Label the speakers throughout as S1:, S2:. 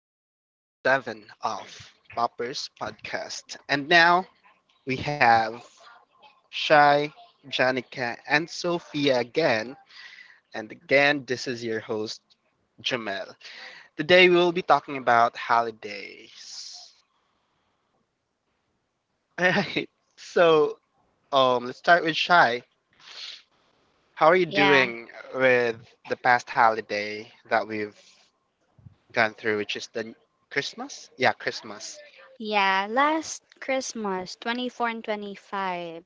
S1: to episode 7 of Poppers Podcast. And now we have Shai, Janica, and Sophia again. And again, this is your host, Jamel. Today we will be talking about holidays. All right. So let's start with Shai. How are you
S2: Yeah,
S1: doing with the past holiday that we've gone through, which is the Christmas? Yeah, Christmas.
S2: yeah. Last Christmas, 24 and 25.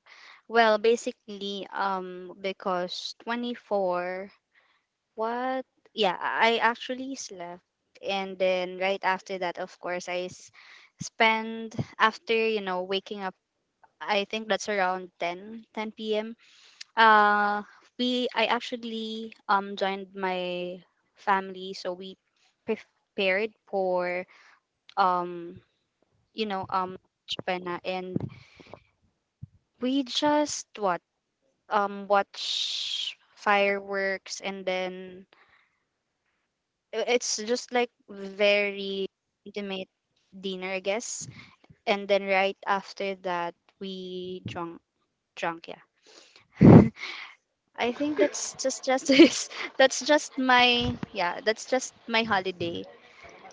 S2: Well, basically, because 24, what? Yeah, I actually slept. And then right after that, of course, I s spend after waking up, I think that's around ten p.m. Uh, I actually joined my family, so we prepared for um you know, um, Japan, and we just what watch fireworks, and then it's just like very intimate dinner, I guess. And then right after that, we drunk, yeah. I think that's just is that's just my yeah that's just my holiday.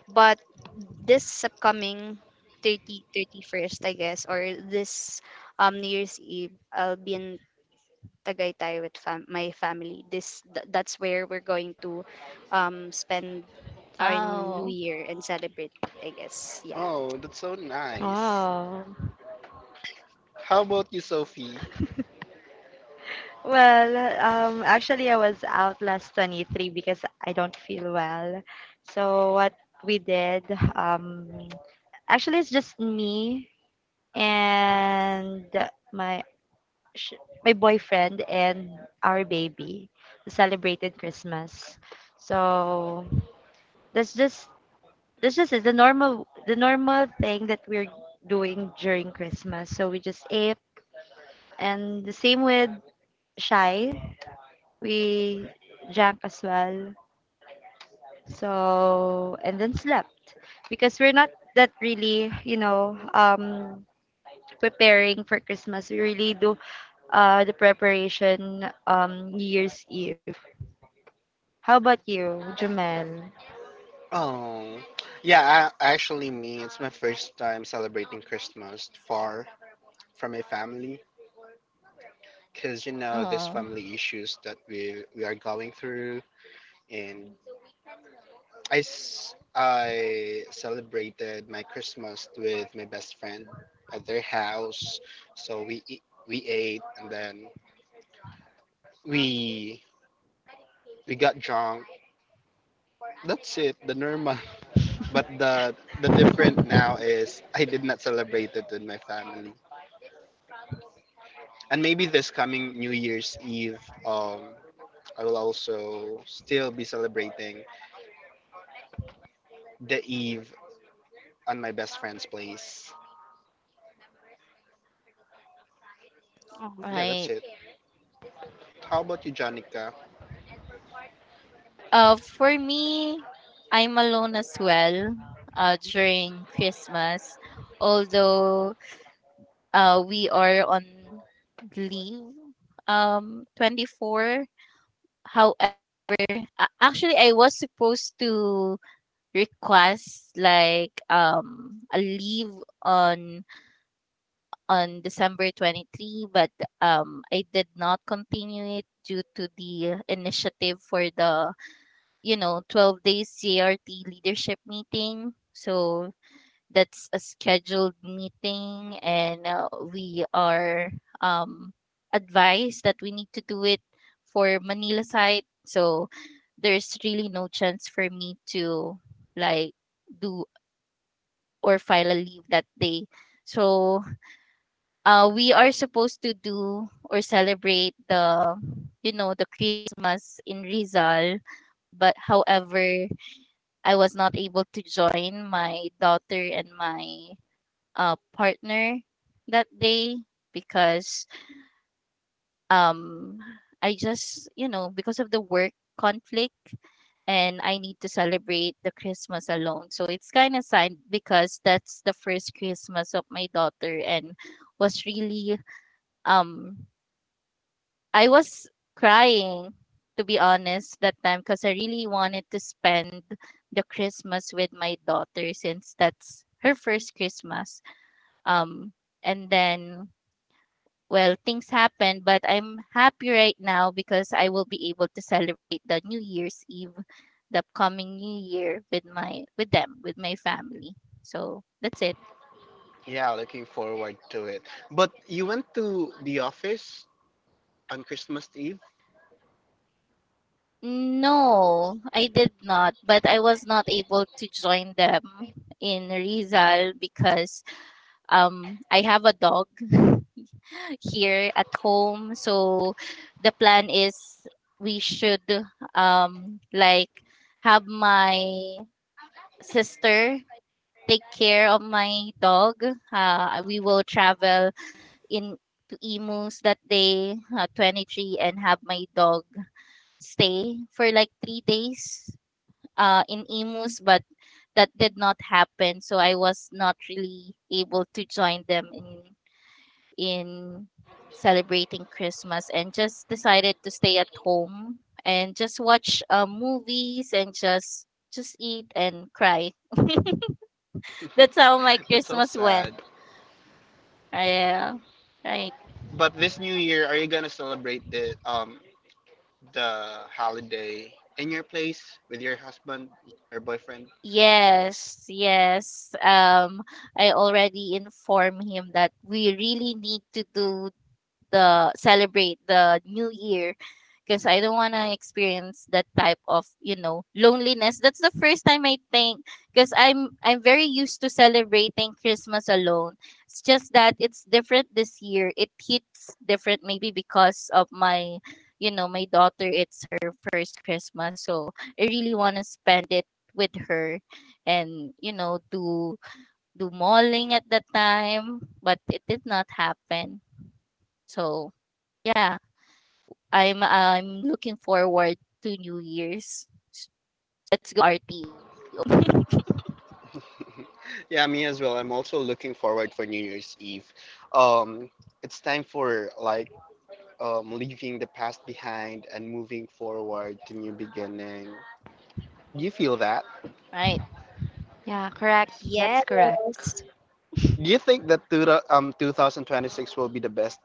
S2: But this upcoming 31st, I guess, or this New Year's Eve, I'll be in Tagaytay with my family. That's where we're going to spend our new
S3: Wow.
S2: year and celebrate, I guess. Yeah.
S1: Oh, that's so nice.
S4: Oh.
S1: How about you, Sophie?
S4: Well, Actually, I was out last 23 because I don't feel well. So what we did, um, actually, it's just me and my sh- my boyfriend and our baby celebrated Christmas. So that's just that's just it. The normal thing that we're doing during Christmas. So we just ate, and the same with Shy. We drank as well. So, and then slept because we're not that really, you know, preparing for Christmas. We really do the preparation New Year's Eve. How about you, Jamel?
S1: Oh, yeah, I, actually, me, it's my first time celebrating Christmas far from my family because you know,
S3: Oh,
S1: this family issues that we are going through. And I celebrated my Christmas with my best friend at their house. So we ate and then we, we got drunk. That's it, the normal. But the different now is I did not celebrate it with my family. And maybe this coming New Year's Eve, I will also still be celebrating the Eve on my best friend's place.
S2: Mhm.
S1: Yeah, that's
S3: right.
S1: it. How about you, Jonica?
S3: For me, I'm alone as well during Christmas, although we are on leave 24th. How Actually, I was supposed to request like a leave on on December 23rd, but I did not continue it due to the initiative for the 12 days CRT leadership meeting. So that's a scheduled meeting, and we are um, advised that we need to do it for Manila side. So there's really no chance for me to like do or file a leave that day. So we are supposed to do or celebrate the you know the Christmas in Rizal, but however I was not able to join my daughter and my partner that day because um, I just, because of the work conflict, and I need to celebrate the Christmas alone. So it's kind of sad because that's the first Christmas of my daughter, and was really um I was crying, to be honest, that time because I really wanted to spend the Christmas with my daughter since that's her first Christmas. Um, and then, well, things happened, but I'm happy right now because I will be able to celebrate the New Year's Eve, the upcoming New Year with them, with my family. So that's it.
S1: Yeah, looking forward to it. But you went to the office on Christmas Eve?
S3: No, I did not, but I was not able to join them in Rizal because I have a dog here at home. So the plan is we should like have my sister take care of my dog. We will travel in to Imus that day, 23rd, and have my dog stay for like 3 days in Emus, but that did not happen. So I was not really able to join them in celebrating Christmas and just decided to stay at home and just watch movies and just eat and cry. That's how my
S1: That's so
S3: Christmas went.
S1: sad.
S3: Yeah, right.
S1: But this new year, are you gonna celebrate the holiday in your place with your husband or boyfriend?
S3: Yes, yes. I already informed him that we really need to do the celebrate the new year because I don't want to experience that type of, loneliness. That's the first time, I think, because I'm very used to celebrating Christmas alone. It's just that it's different this year. It hits different maybe because of my daughter. It's her first Christmas. So, I really want to spend it with her and, do mauling at that time, but it did not happen. So, yeah. I'm looking forward to New Year's, to go RT,
S1: Yeah, me as well. I'm also looking forward for New Year's Eve. Um, it's time for like leaving the past behind and moving forward to new beginning. Do you feel that?
S3: right?
S4: Yeah, correct. That's correct.
S2: Yes.
S1: Do you think that 2026 will be the best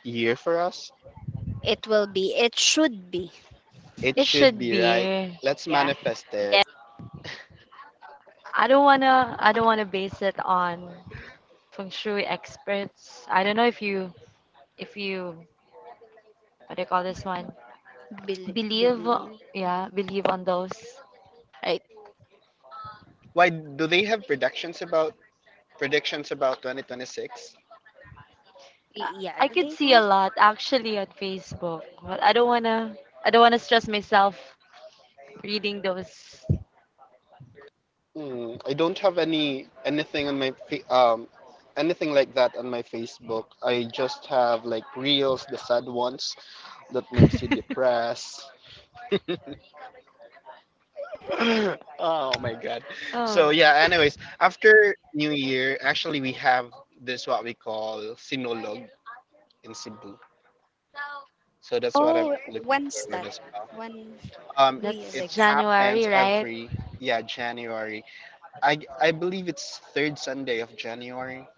S1: year for us?
S2: It will be. It should be.
S1: It
S4: It
S1: should
S4: should
S1: be, right?
S4: be.
S1: Let's
S2: Yeah.
S3: Yeah,
S1: manifest it.
S4: I don't wanna. I don't wanna base it on feng shui experts. I don't know if you, what do you call this one?
S2: Believe
S4: Believe,
S2: believe
S4: yeah, believe on those.
S3: right.
S1: Why do they have predictions about 2026?
S2: yeah,
S4: I
S2: do
S4: could
S2: they
S4: see
S2: have?
S4: a lot actually on Facebook, but I don't wanna stress myself reading those.
S1: Mm, I don't have anything on my anything like that on my Facebook. I just have like reels, the sad ones that makes you depressed. Oh my God. So
S4: Oh,
S1: yeah, anyways, after New Year, actually we have this what we call Sinolog in Cebu. So that's what I'm
S2: Oh,
S1: looking
S2: when's
S1: forward
S2: that?
S1: as well.
S2: When
S1: Um,
S2: do we have
S4: that's
S1: it
S2: like
S4: January,
S1: happens
S4: right?
S1: every yeah, January. I believe it's third Sunday of January.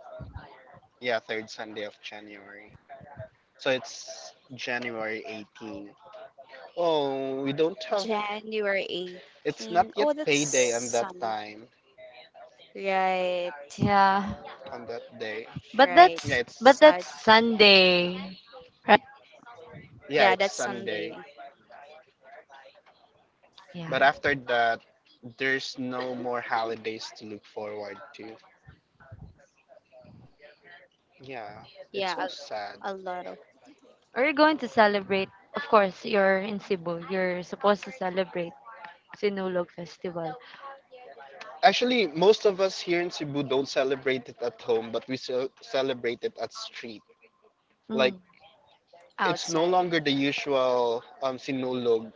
S1: Yeah, third Sunday of January. So it's January 18. Oh, we don't have.
S2: January
S1: It's not
S2: 18?
S1: yet
S2: Oh, that's
S1: payday on that
S2: Sunday.
S1: time,
S2: Right.
S4: Yeah.
S1: on that day.
S4: But
S2: Right.
S1: Yeah,
S4: that's
S1: it's
S4: but
S2: Sad.
S4: that's Sunday.
S3: Right.
S1: yeah,
S2: Yeah,
S1: it's
S2: that's
S1: Sunday.
S2: Sunday.
S4: Yeah.
S1: But after that, there's no more holidays to look forward to. Yeah,
S2: Yeah,
S1: it's so sad.
S2: a lot of
S4: Are you going to celebrate? Of course, you're in Cebu. You're supposed to celebrate Sinulog Festival.
S1: Actually, most of us here in Cebu don't celebrate it at home, but we celebrate it at street. Like
S4: Mm.
S1: it's no
S2: outside.
S1: longer the usual sinulog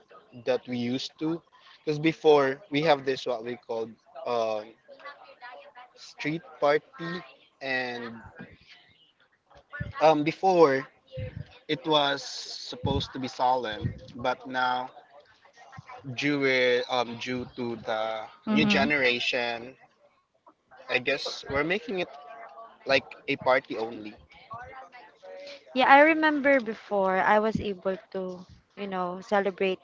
S1: that we used to. Because before, we have this what we called um, street party. And before, it was supposed to be solemn. But now,
S3: Mm-hmm.
S1: due to the new generation, I guess we're making it like a party only.
S4: Yeah, I remember before I was able to, you know, celebrate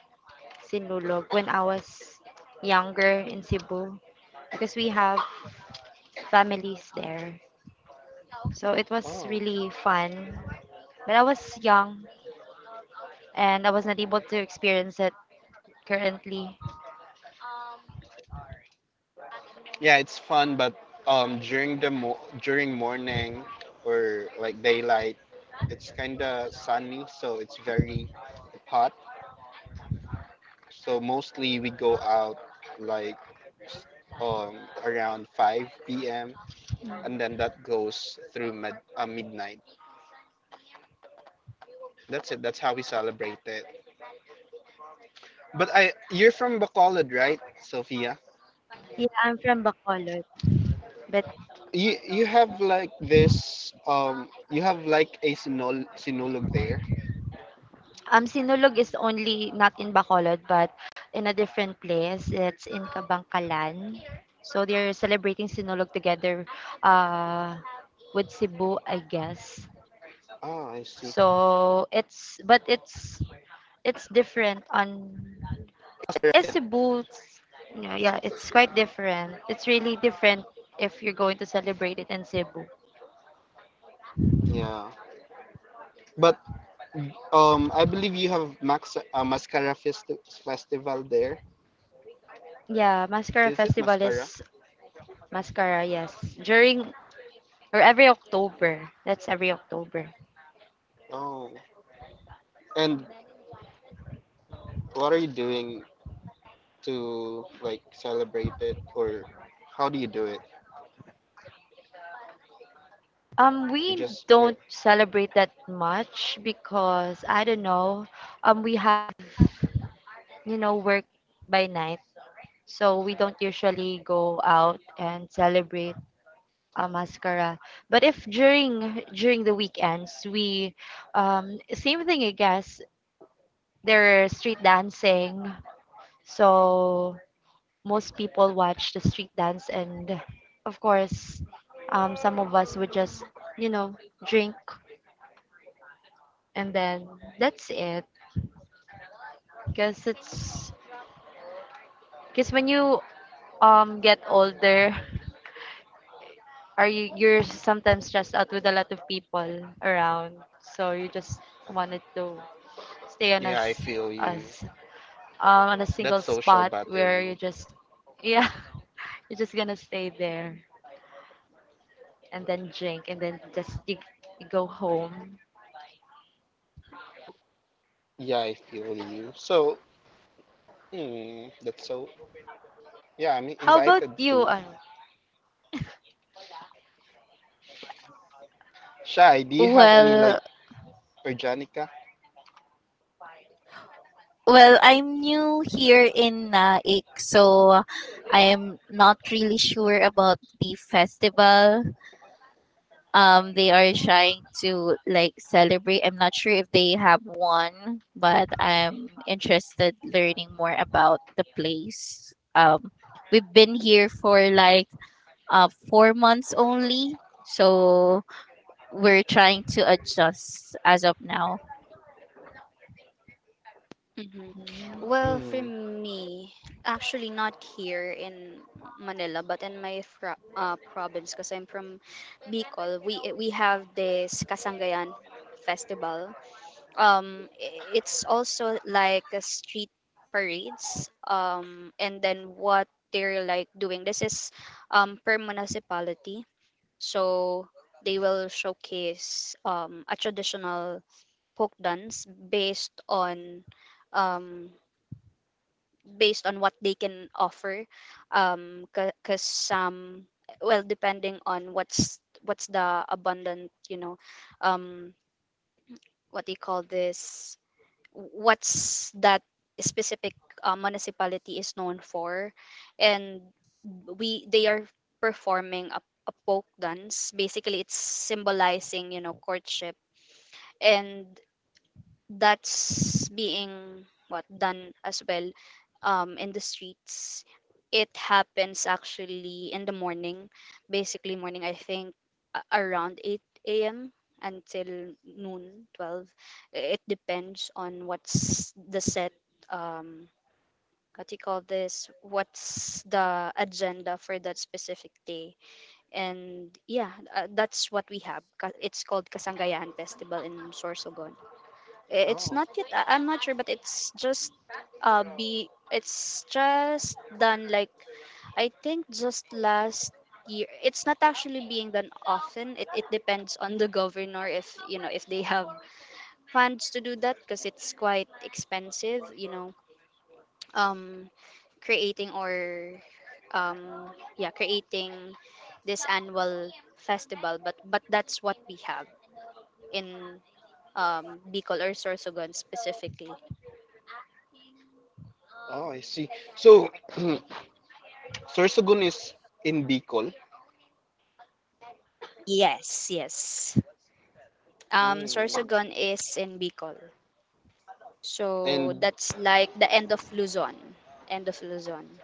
S4: Sinulog when I was younger in Cebu, because we have families there. So it was
S1: Oh,
S4: really fun. But I was young and I was not able to experience it currently.
S1: yeah, it's fun, but during morning, or like daylight, it's kind of sunny, so it's very hot. So mostly we go out like around 5 p.m. and then that goes through midnight. That's it. That's how we celebrate it. But I you're from Bacolod, right, Sophia?
S4: Yeah, I'm from Bacolod. But
S1: You have like this you have like a sinol sinulog there.
S4: Sinulog is only not in Bacolod, but in a different place. It's in Kabangkalan. So they're celebrating Sinulog together uh, with Cebu, I guess.
S1: Oh, I see.
S4: So it's, but it's different on. It's a boots. Yeah, yeah, it's quite different. It's really different if you're going to celebrate it in Cebu.
S1: Yeah. But um, I believe you have Max Festival there.
S4: Yeah, Mascara
S1: Is it
S4: Festival
S1: Mascara?
S4: is. Mascara, yes. During or every October. That's every October.
S1: Oh. And what are you doing to like celebrate it, or how do you do it? You
S4: We
S1: just wait.
S4: don't celebrate that much because I don't know. We have, you know, work by night, so we don't usually go out and celebrate a mascara. But if during the weekends we same thing I guess, they're street dancing. So most people watch the street dance, and of course some of us would just, you know, drink and then that's it because it's, because when you get older, are you're sometimes stressed out with a lot of people around, so you just wanted to stay on
S1: Yeah, I
S4: us
S1: feel you.
S4: us on a single
S1: That's social
S4: spot where you
S1: battery.
S4: just yeah, you're just gonna stay there and then drink and then you go home.
S1: Yeah, I feel you. So, hmm, that's so. Yeah, I'm
S4: How about
S1: excited
S4: you,
S1: too. Shy, do you have any like
S3: Well,
S1: organica?
S3: well, I'm new here in Naik, so I'm not really sure about the festival. They are trying to like celebrate. I'm not sure if they have one, but I'm interested learning more about the place. We've been here for like 4 months only. So we're trying to adjust as of now.
S2: hmm Well,
S4: mm,
S2: for
S1: Hmm.
S2: me, actually not here in Manila, but in my fro province, because I'm from Bicol. We have this Kasangayan festival. It's also like a street parades. And then what they're like doing. This is per municipality. So they will showcase a traditional folk dance um, based on what they can offer. Because some, well, depending on what's the abundant, um, what do you call this, what's that specific municipality is known for, and we they are performing a folk dance. Basically, it's symbolizing, courtship, and that's being what done as well, in the streets. It happens actually in the morning, basically morning. I think around 8 a.m. until noon, 12. It depends on what's the set. Um, what do you call this? What's the agenda for that specific day? And yeah, that's what we have. It's called Kasangayahan Festival in Sorsogon. It's
S1: Oh.
S2: not yet. I'm not sure, but it's just be. It's just done, like, I think, just last year. It's not actually being done often. It depends on the governor, if, if they have funds to do that, because it's quite expensive. You know, um, creating, or yeah creating this annual festival, but that's what we have in Bicol, or Sorsogon specifically.
S1: Oh, I see. So, Sir Sugun is in Bicol.
S2: Yes, yes.
S1: Mm.
S2: Sorsogon is in Bicol. So
S1: And
S2: that's like the end of Luzon. End of Luzon.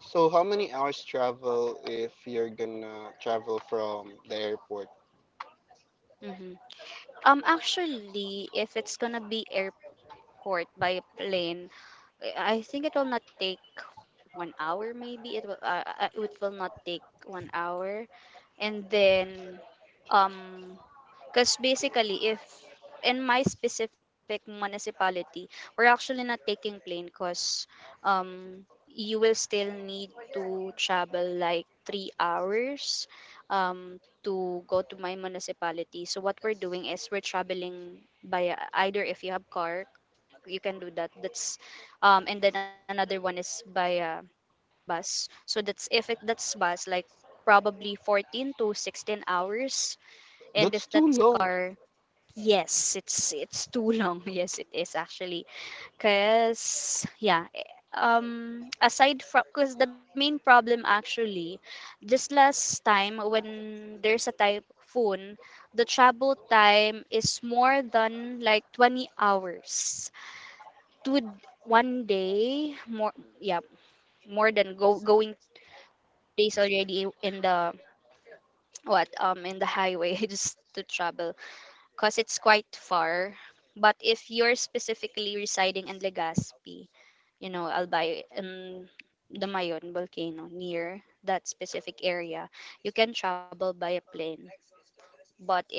S1: so, how many hours travel if you're gonna travel from the airport?
S2: hmm Actually, if it's gonna be airport by plane, I think it will not take 1 hour, maybe. It will not take 1 hour. And then um, because basically, if in my specific municipality, we're actually not taking plane, because um you will still need to travel like 3 hours um, to go to my municipality. So what we're doing is we're traveling by, either if you have car, you can do that. That's and then another one is by bus. So that's if it that's bus like probably 14 to 16 hours, and
S1: That's
S2: if
S1: too
S2: that's,
S1: long.
S2: yes, it's too long. Yes, it is actually. Aside from cause the main problem actually, just last time when there's a typhoon, the travel time is more than like 20 hours, to one day more, yeah, more than go going days already in the what in the highway. Just to travel, because it's quite far. But if you're specifically residing in Legazpi, you know, Albay and the Mayon volcano near that specific area, you can travel by a plane. But if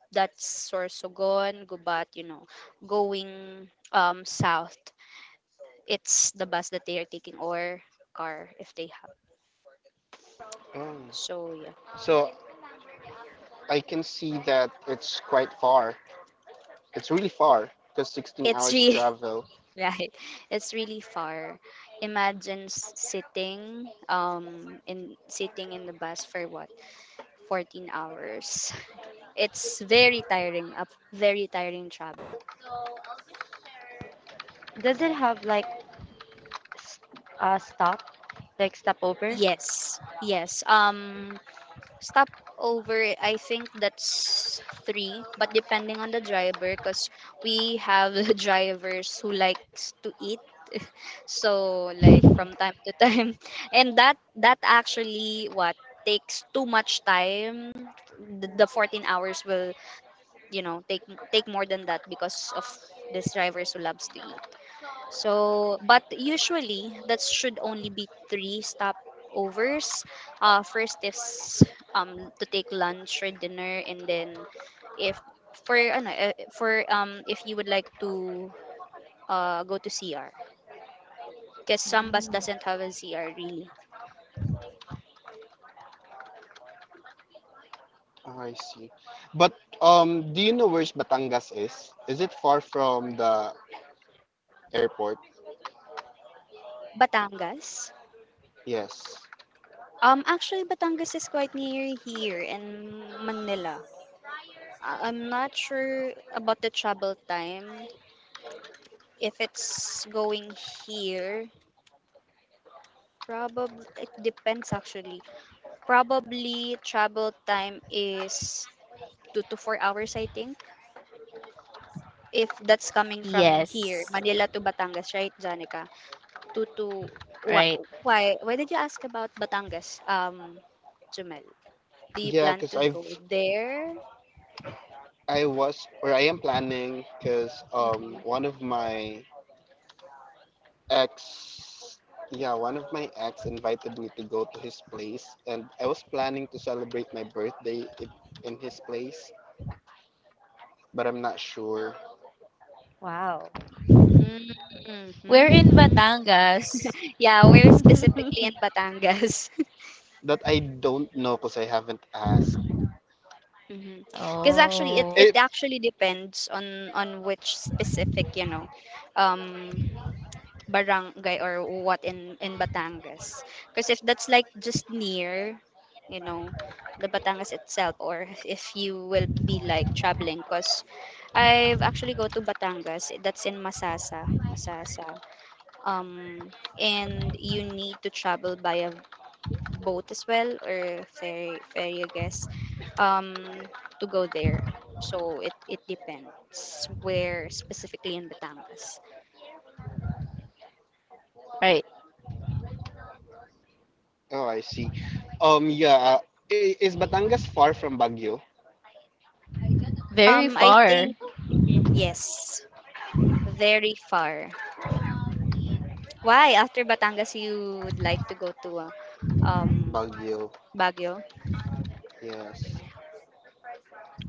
S2: that's Sorsogon, Gubat, you know, going south, it's the bus that they are taking, or car if they have.
S1: Oh.
S2: So yeah,
S1: So, I can see that it's quite far. It's really far because 16
S2: it's
S1: hours
S2: really
S1: travel.
S2: right. It's really far. Imagine sitting in sitting in the bus for, what, 14 hours. It's very tiring. A very tiring travel.
S4: does it have like s- stop, like stopover?
S2: Yes, yes. Stop over. I think that's three, but depending on the driver, because we have drivers who likes to eat. So, like, from time to time, and that actually what takes too much time. The 14 hours will, you know take take more than that because of these drivers who loves to eat. So, but usually that should only be three stopovers. First is to take lunch or dinner, and then if, for for, if you would like to go to CR, because Sambas
S4: Mm,
S2: doesn't have a ZR really.
S1: Ah, I see. But do you know where's Batangas is? Is it far from the airport?
S2: Batangas.
S1: Yes.
S2: Actually, Batangas is quite near here in Manila. I'm not sure about the travel time if it's going here. Probably it depends, actually. Probably travel time is 2 to 4 hours, I think. If that's coming from
S3: Yes,
S2: here, Manila to Batangas, right, Janica? Two to
S3: right.
S2: wha- why? Why did you ask about Batangas, Jumel? Do you
S1: Yeah,
S2: plan
S1: because
S2: to go
S1: I've
S2: there?
S1: I was or I am planning because
S2: Mm-hmm.
S1: one of my ex yeah one of my ex invited me to go to his place and I was planning to celebrate my birthday it, in his place but I'm not sure
S4: wow.
S3: We're in
S2: Mm-hmm.
S3: Batangas.
S2: Yeah, we're specifically in Batangas.
S1: that I don't know because I haven't asked
S2: Because actually, it
S3: Oh,
S1: it.
S2: actually depends on which specific, you know, um, barangay, or what in Batangas. Because if that's like just near, you know, the Batangas itself, or if you will be like traveling. Because I've actually go to Batangas. That's in Masasa. And you need to travel by a boat as well, or ferry, I guess, um to go there. So it depends where specifically in Batangas.
S3: right.
S1: Oh I see. um yeah I- is Batangas far from Baguio?
S3: Very
S2: I
S3: far.
S2: think, mhm, yes, very far. Why after Batangas you would like to go to um
S1: Baguio?
S2: Baguio?
S1: Yes.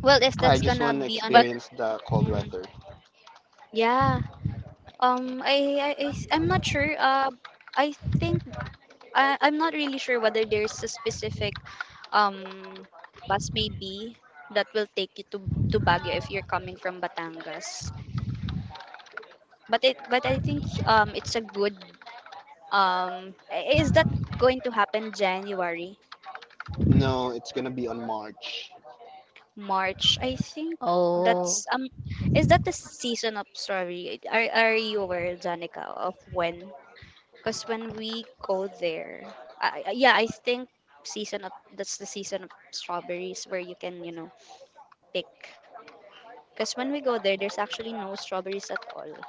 S2: Well, if
S1: I
S2: that's
S1: just
S2: gonna
S1: want to
S3: But,
S2: be on,
S1: experience the cold
S2: mhm.
S1: weather.
S2: Yeah. I'm not sure. I think, I'm not really sure whether there's a specific, um, bus maybe that will take you to Baguio if you're coming from Batangas. But I think, it's a good, is that going to happen January,
S1: No it's gonna be on March.
S2: March? I think
S3: oh,
S2: that's is that the season of strawberry? Are you aware, Janica, of when, because when we go there, I- yeah I think season of that's the season of strawberries where you can, pick. Because when we go there, there's actually no strawberries at all.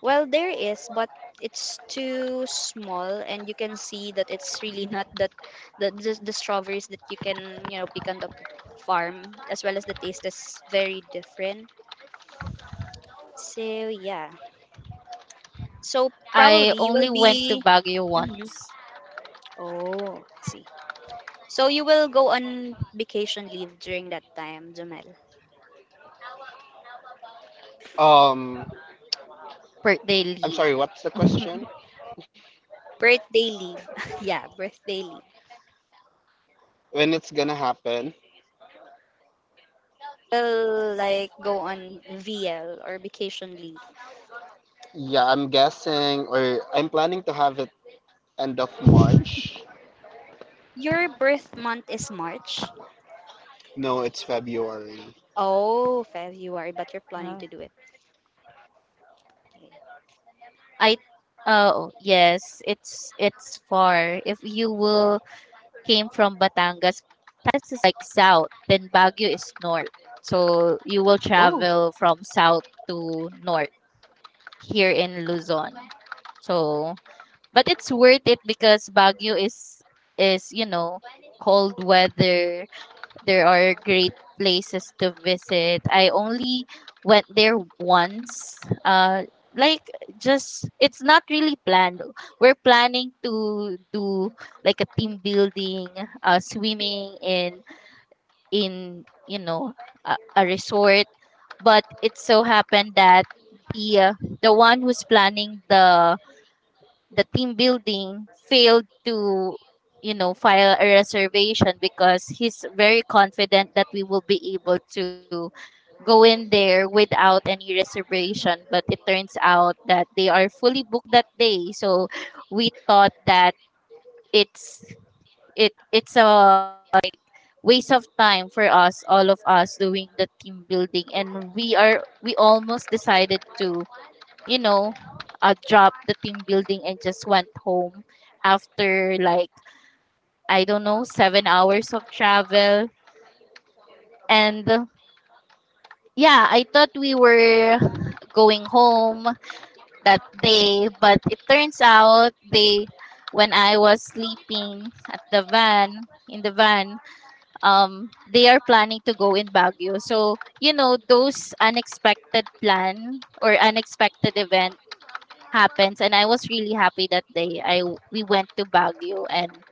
S2: Well, there is, but it's too small, and you can see that it's really, not that, the strawberries that you can, pick on the farm, as well as the taste is very different. So yeah, so
S3: I
S2: probably you
S3: only
S2: will
S3: went to
S2: be.
S3: Baguio
S2: hmm
S3: once.
S2: Oh, I see. So you will go on vacation leave during that time, Jamel.
S1: um
S3: Birthday
S1: I'm sorry,
S3: leave.
S1: what's the question?
S2: Birthday leave, yeah, birthday leave.
S1: When it's gonna happen?
S2: Will like go on VL or vacation leave.
S1: Yeah, I'm guessing or I'm planning to have it end of March.
S2: Your birth month is March.
S1: No, it's February.
S2: Oh, February, but you're
S4: Wow,
S2: planning to do it. Okay.
S3: I Oh, yes, it's far. If you will came from Batangas, Tacna is like south, then Baguio is north. So you will
S1: Oh,
S3: travel from south to north here in Luzon. So, but it's worth it because Baguio is cold weather. There are great places to visit. I only went there once. Like, just it's not really planned. We're planning to do like a team building, swimming in a resort. But it so happened that the uh, the one who's planning the team building failed to file a reservation because he's very confident that we will be able to go in there without any reservation, but it turns out that they are fully booked that day, so we thought that it's it's a waste of time for us, all of us doing the team building. And we almost decided to, you know, drop the team building and just went home after, like, I don't know, 7 hours of travel. And yeah, I thought we were going home that day, but it turns out when I was sleeping at the van, in the van, they are planning to go in Baguio. So, those unexpected plan or unexpected event happens, and I was really happy that day. I We went to Baguio and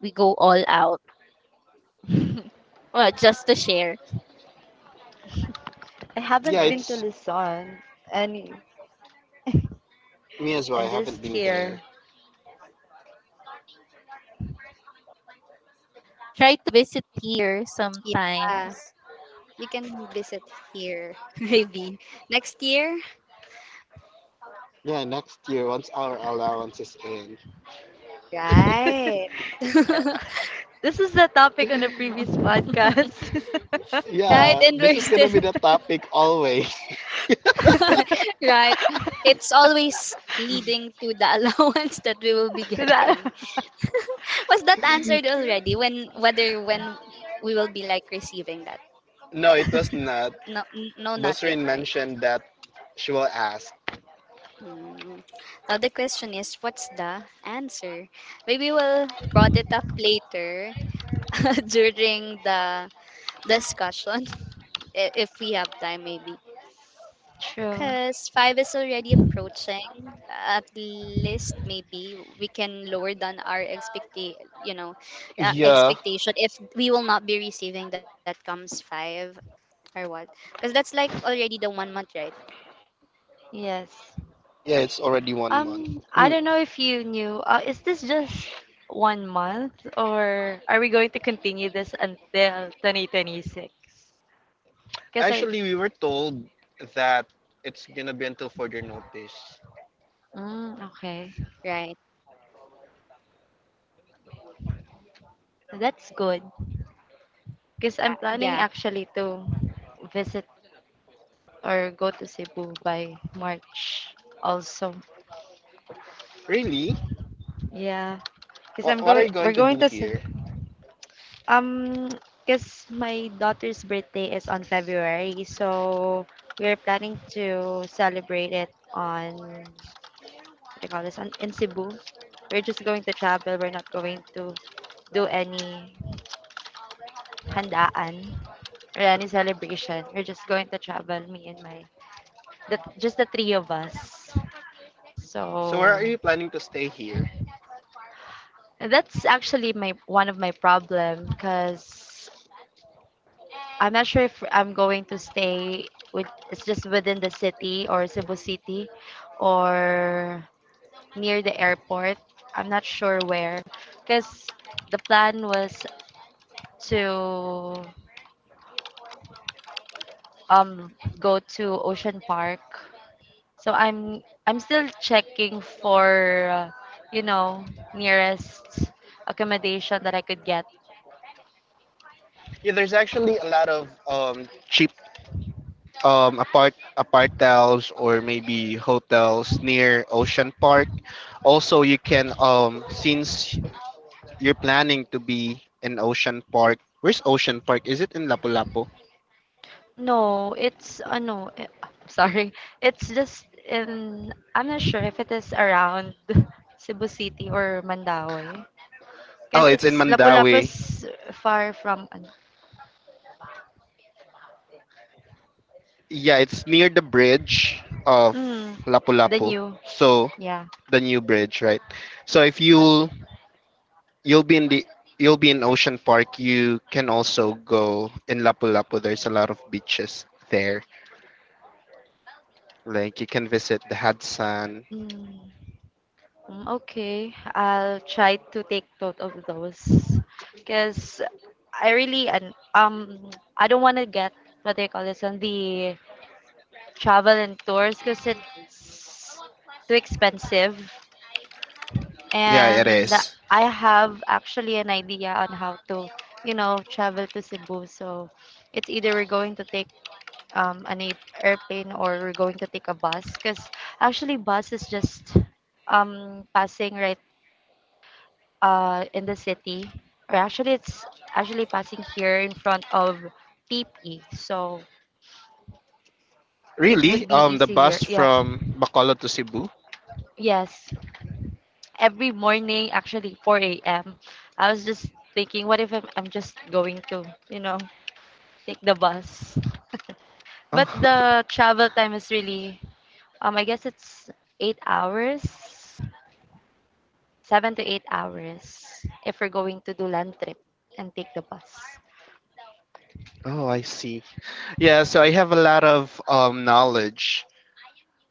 S3: we go all out. Well, just to share.
S4: I
S1: yeah,
S4: haven't been
S2: Right.
S4: to
S1: it's
S4: Luzon, and
S1: me as
S4: and
S1: well. I
S4: just
S1: haven't been
S4: here.
S1: there.
S3: Try to visit here
S2: Yeah.
S3: sometimes.
S2: You can visit here maybe next year.
S1: Yeah, next year once our allowance is in.
S2: Right.
S4: This is the topic on the previous podcast.
S2: Right.
S1: Yeah,
S2: And
S1: this
S2: we're
S1: is gonna
S2: still
S1: be the topic always.
S2: right. It's always leading to the allowance that we will be
S4: That-
S2: getting. Was that answered already? When, whether when we will be like receiving that?
S1: No, it was not.
S2: No, no, not yet.
S1: Bosrin
S2: Right.
S1: mentioned that she will ask.
S2: Hmm. Now the question is, what's the answer? Maybe we'll brought it up later during the discussion. If we have time, maybe.
S4: True.
S2: Because five is already approaching. At least maybe we can lower down our expect. You know,
S1: Yeah,
S2: expectation, if we will not be receiving that comes five or what. Because that's like already the one month, right?
S4: Yes.
S1: yeah, it's already 1 month.
S4: I don't know if you knew. Is this just 1 month, or are we going to continue this until 2026? Because I,
S1: Actually, we were told that it's gonna be until further notice.
S4: mm, okay,
S2: Right.
S4: that's good. Because I'm planning
S2: Yeah.
S4: actually to visit or go to Cebu by March also.
S1: Really?
S4: Yeah. Because
S1: What
S4: I'm
S1: are you
S4: going,
S1: going to
S4: we're
S1: do
S4: going to
S1: here?
S4: Um, because my daughter's birthday is on February, so we're planning to celebrate it on what do you call this? On, in Cebu. We're just going to travel. We're not going to do any handaan or any celebration. We're just going to travel, me and my, the, just the three of us.
S1: So where are
S4: So,
S1: you planning to stay here?
S4: and that's actually my one of my problem, because I'm not sure if I'm going to stay with, it's just within the city or Cebu City or near the airport. I'm not sure where, because the plan was to um go to Ocean Park. So I'm still checking for uh, you know, nearest accommodation that I could get.
S1: Yeah, there's actually a lot of cheap apartels or maybe hotels near Ocean Park. Also, you can since you're planning to be in Ocean Park. Where's Ocean Park? Is it in Lapu-Lapu?
S4: No, it's ano, eh, sorry. It's just in, I'm not sure if it is around Cebu City or Mandaue,
S1: Oh,
S4: because
S1: it's in
S4: it's Lapu-Lapu
S1: Mandawi.
S4: is far from ano,
S1: Yeah, it's near the bridge of
S4: mm, the
S1: Lapu-Lapu.
S4: new.
S1: So
S4: Yeah.
S1: the new bridge, right? So if you you'll be in the you'll be in Ocean Park, you can also go in Lapu-Lapu. There's a lot of beaches there. Like you can visit the Hudson.
S4: Mm, mm, okay. I'll try to take note of those because I really and I don't want to get what they call this on the travel and tours because it's too expensive,
S1: Yeah, it
S4: and
S1: is.
S4: I have actually an idea on how to, you know, travel to Cebu. So it's either we're going to take an airplane or we're going to take a bus. Because actually, bus is just passing right in the city. Or actually, it's actually passing here in front of TP. So it would
S1: Really?
S4: be
S1: The
S4: easier.
S1: bus
S4: Yeah.
S1: from Bacolod to Cebu?
S4: Yes. Every morning, actually, 4 a.m. I was just thinking, what if I'm just going to, you know, take the bus. But
S1: Oh,
S4: the travel time is really, I guess it's 8 hours, 7 to 8 hours if we're going to do land trip and take the bus.
S1: oh, I see. Yeah, so I have a lot of knowledge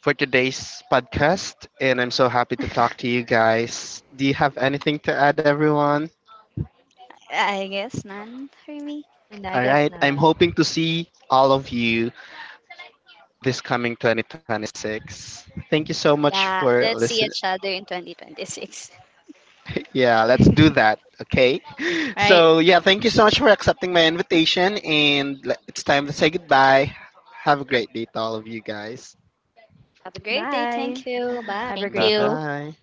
S1: for today's podcast, and I'm so happy to talk to you guys. Do you have anything to add, everyone?
S2: I guess none for me.
S4: And I
S1: All
S4: guess
S1: right, I'm
S4: na.
S1: hoping to see all of you this coming 2026. Thank you so much
S2: Yeah,
S1: for
S2: let's see
S1: listening.
S2: each other in 2026.
S1: Yeah, let's do that,
S3: Right.
S1: okay? So, yeah, thank you so much for accepting my invitation, and it's time to say goodbye. Have a great day to all of you guys.
S2: Have a great
S3: Thank
S2: day.
S3: you.
S2: Thank
S4: Bye.
S2: you. Bye.
S4: Have a
S1: Bye
S4: great day.
S1: bye.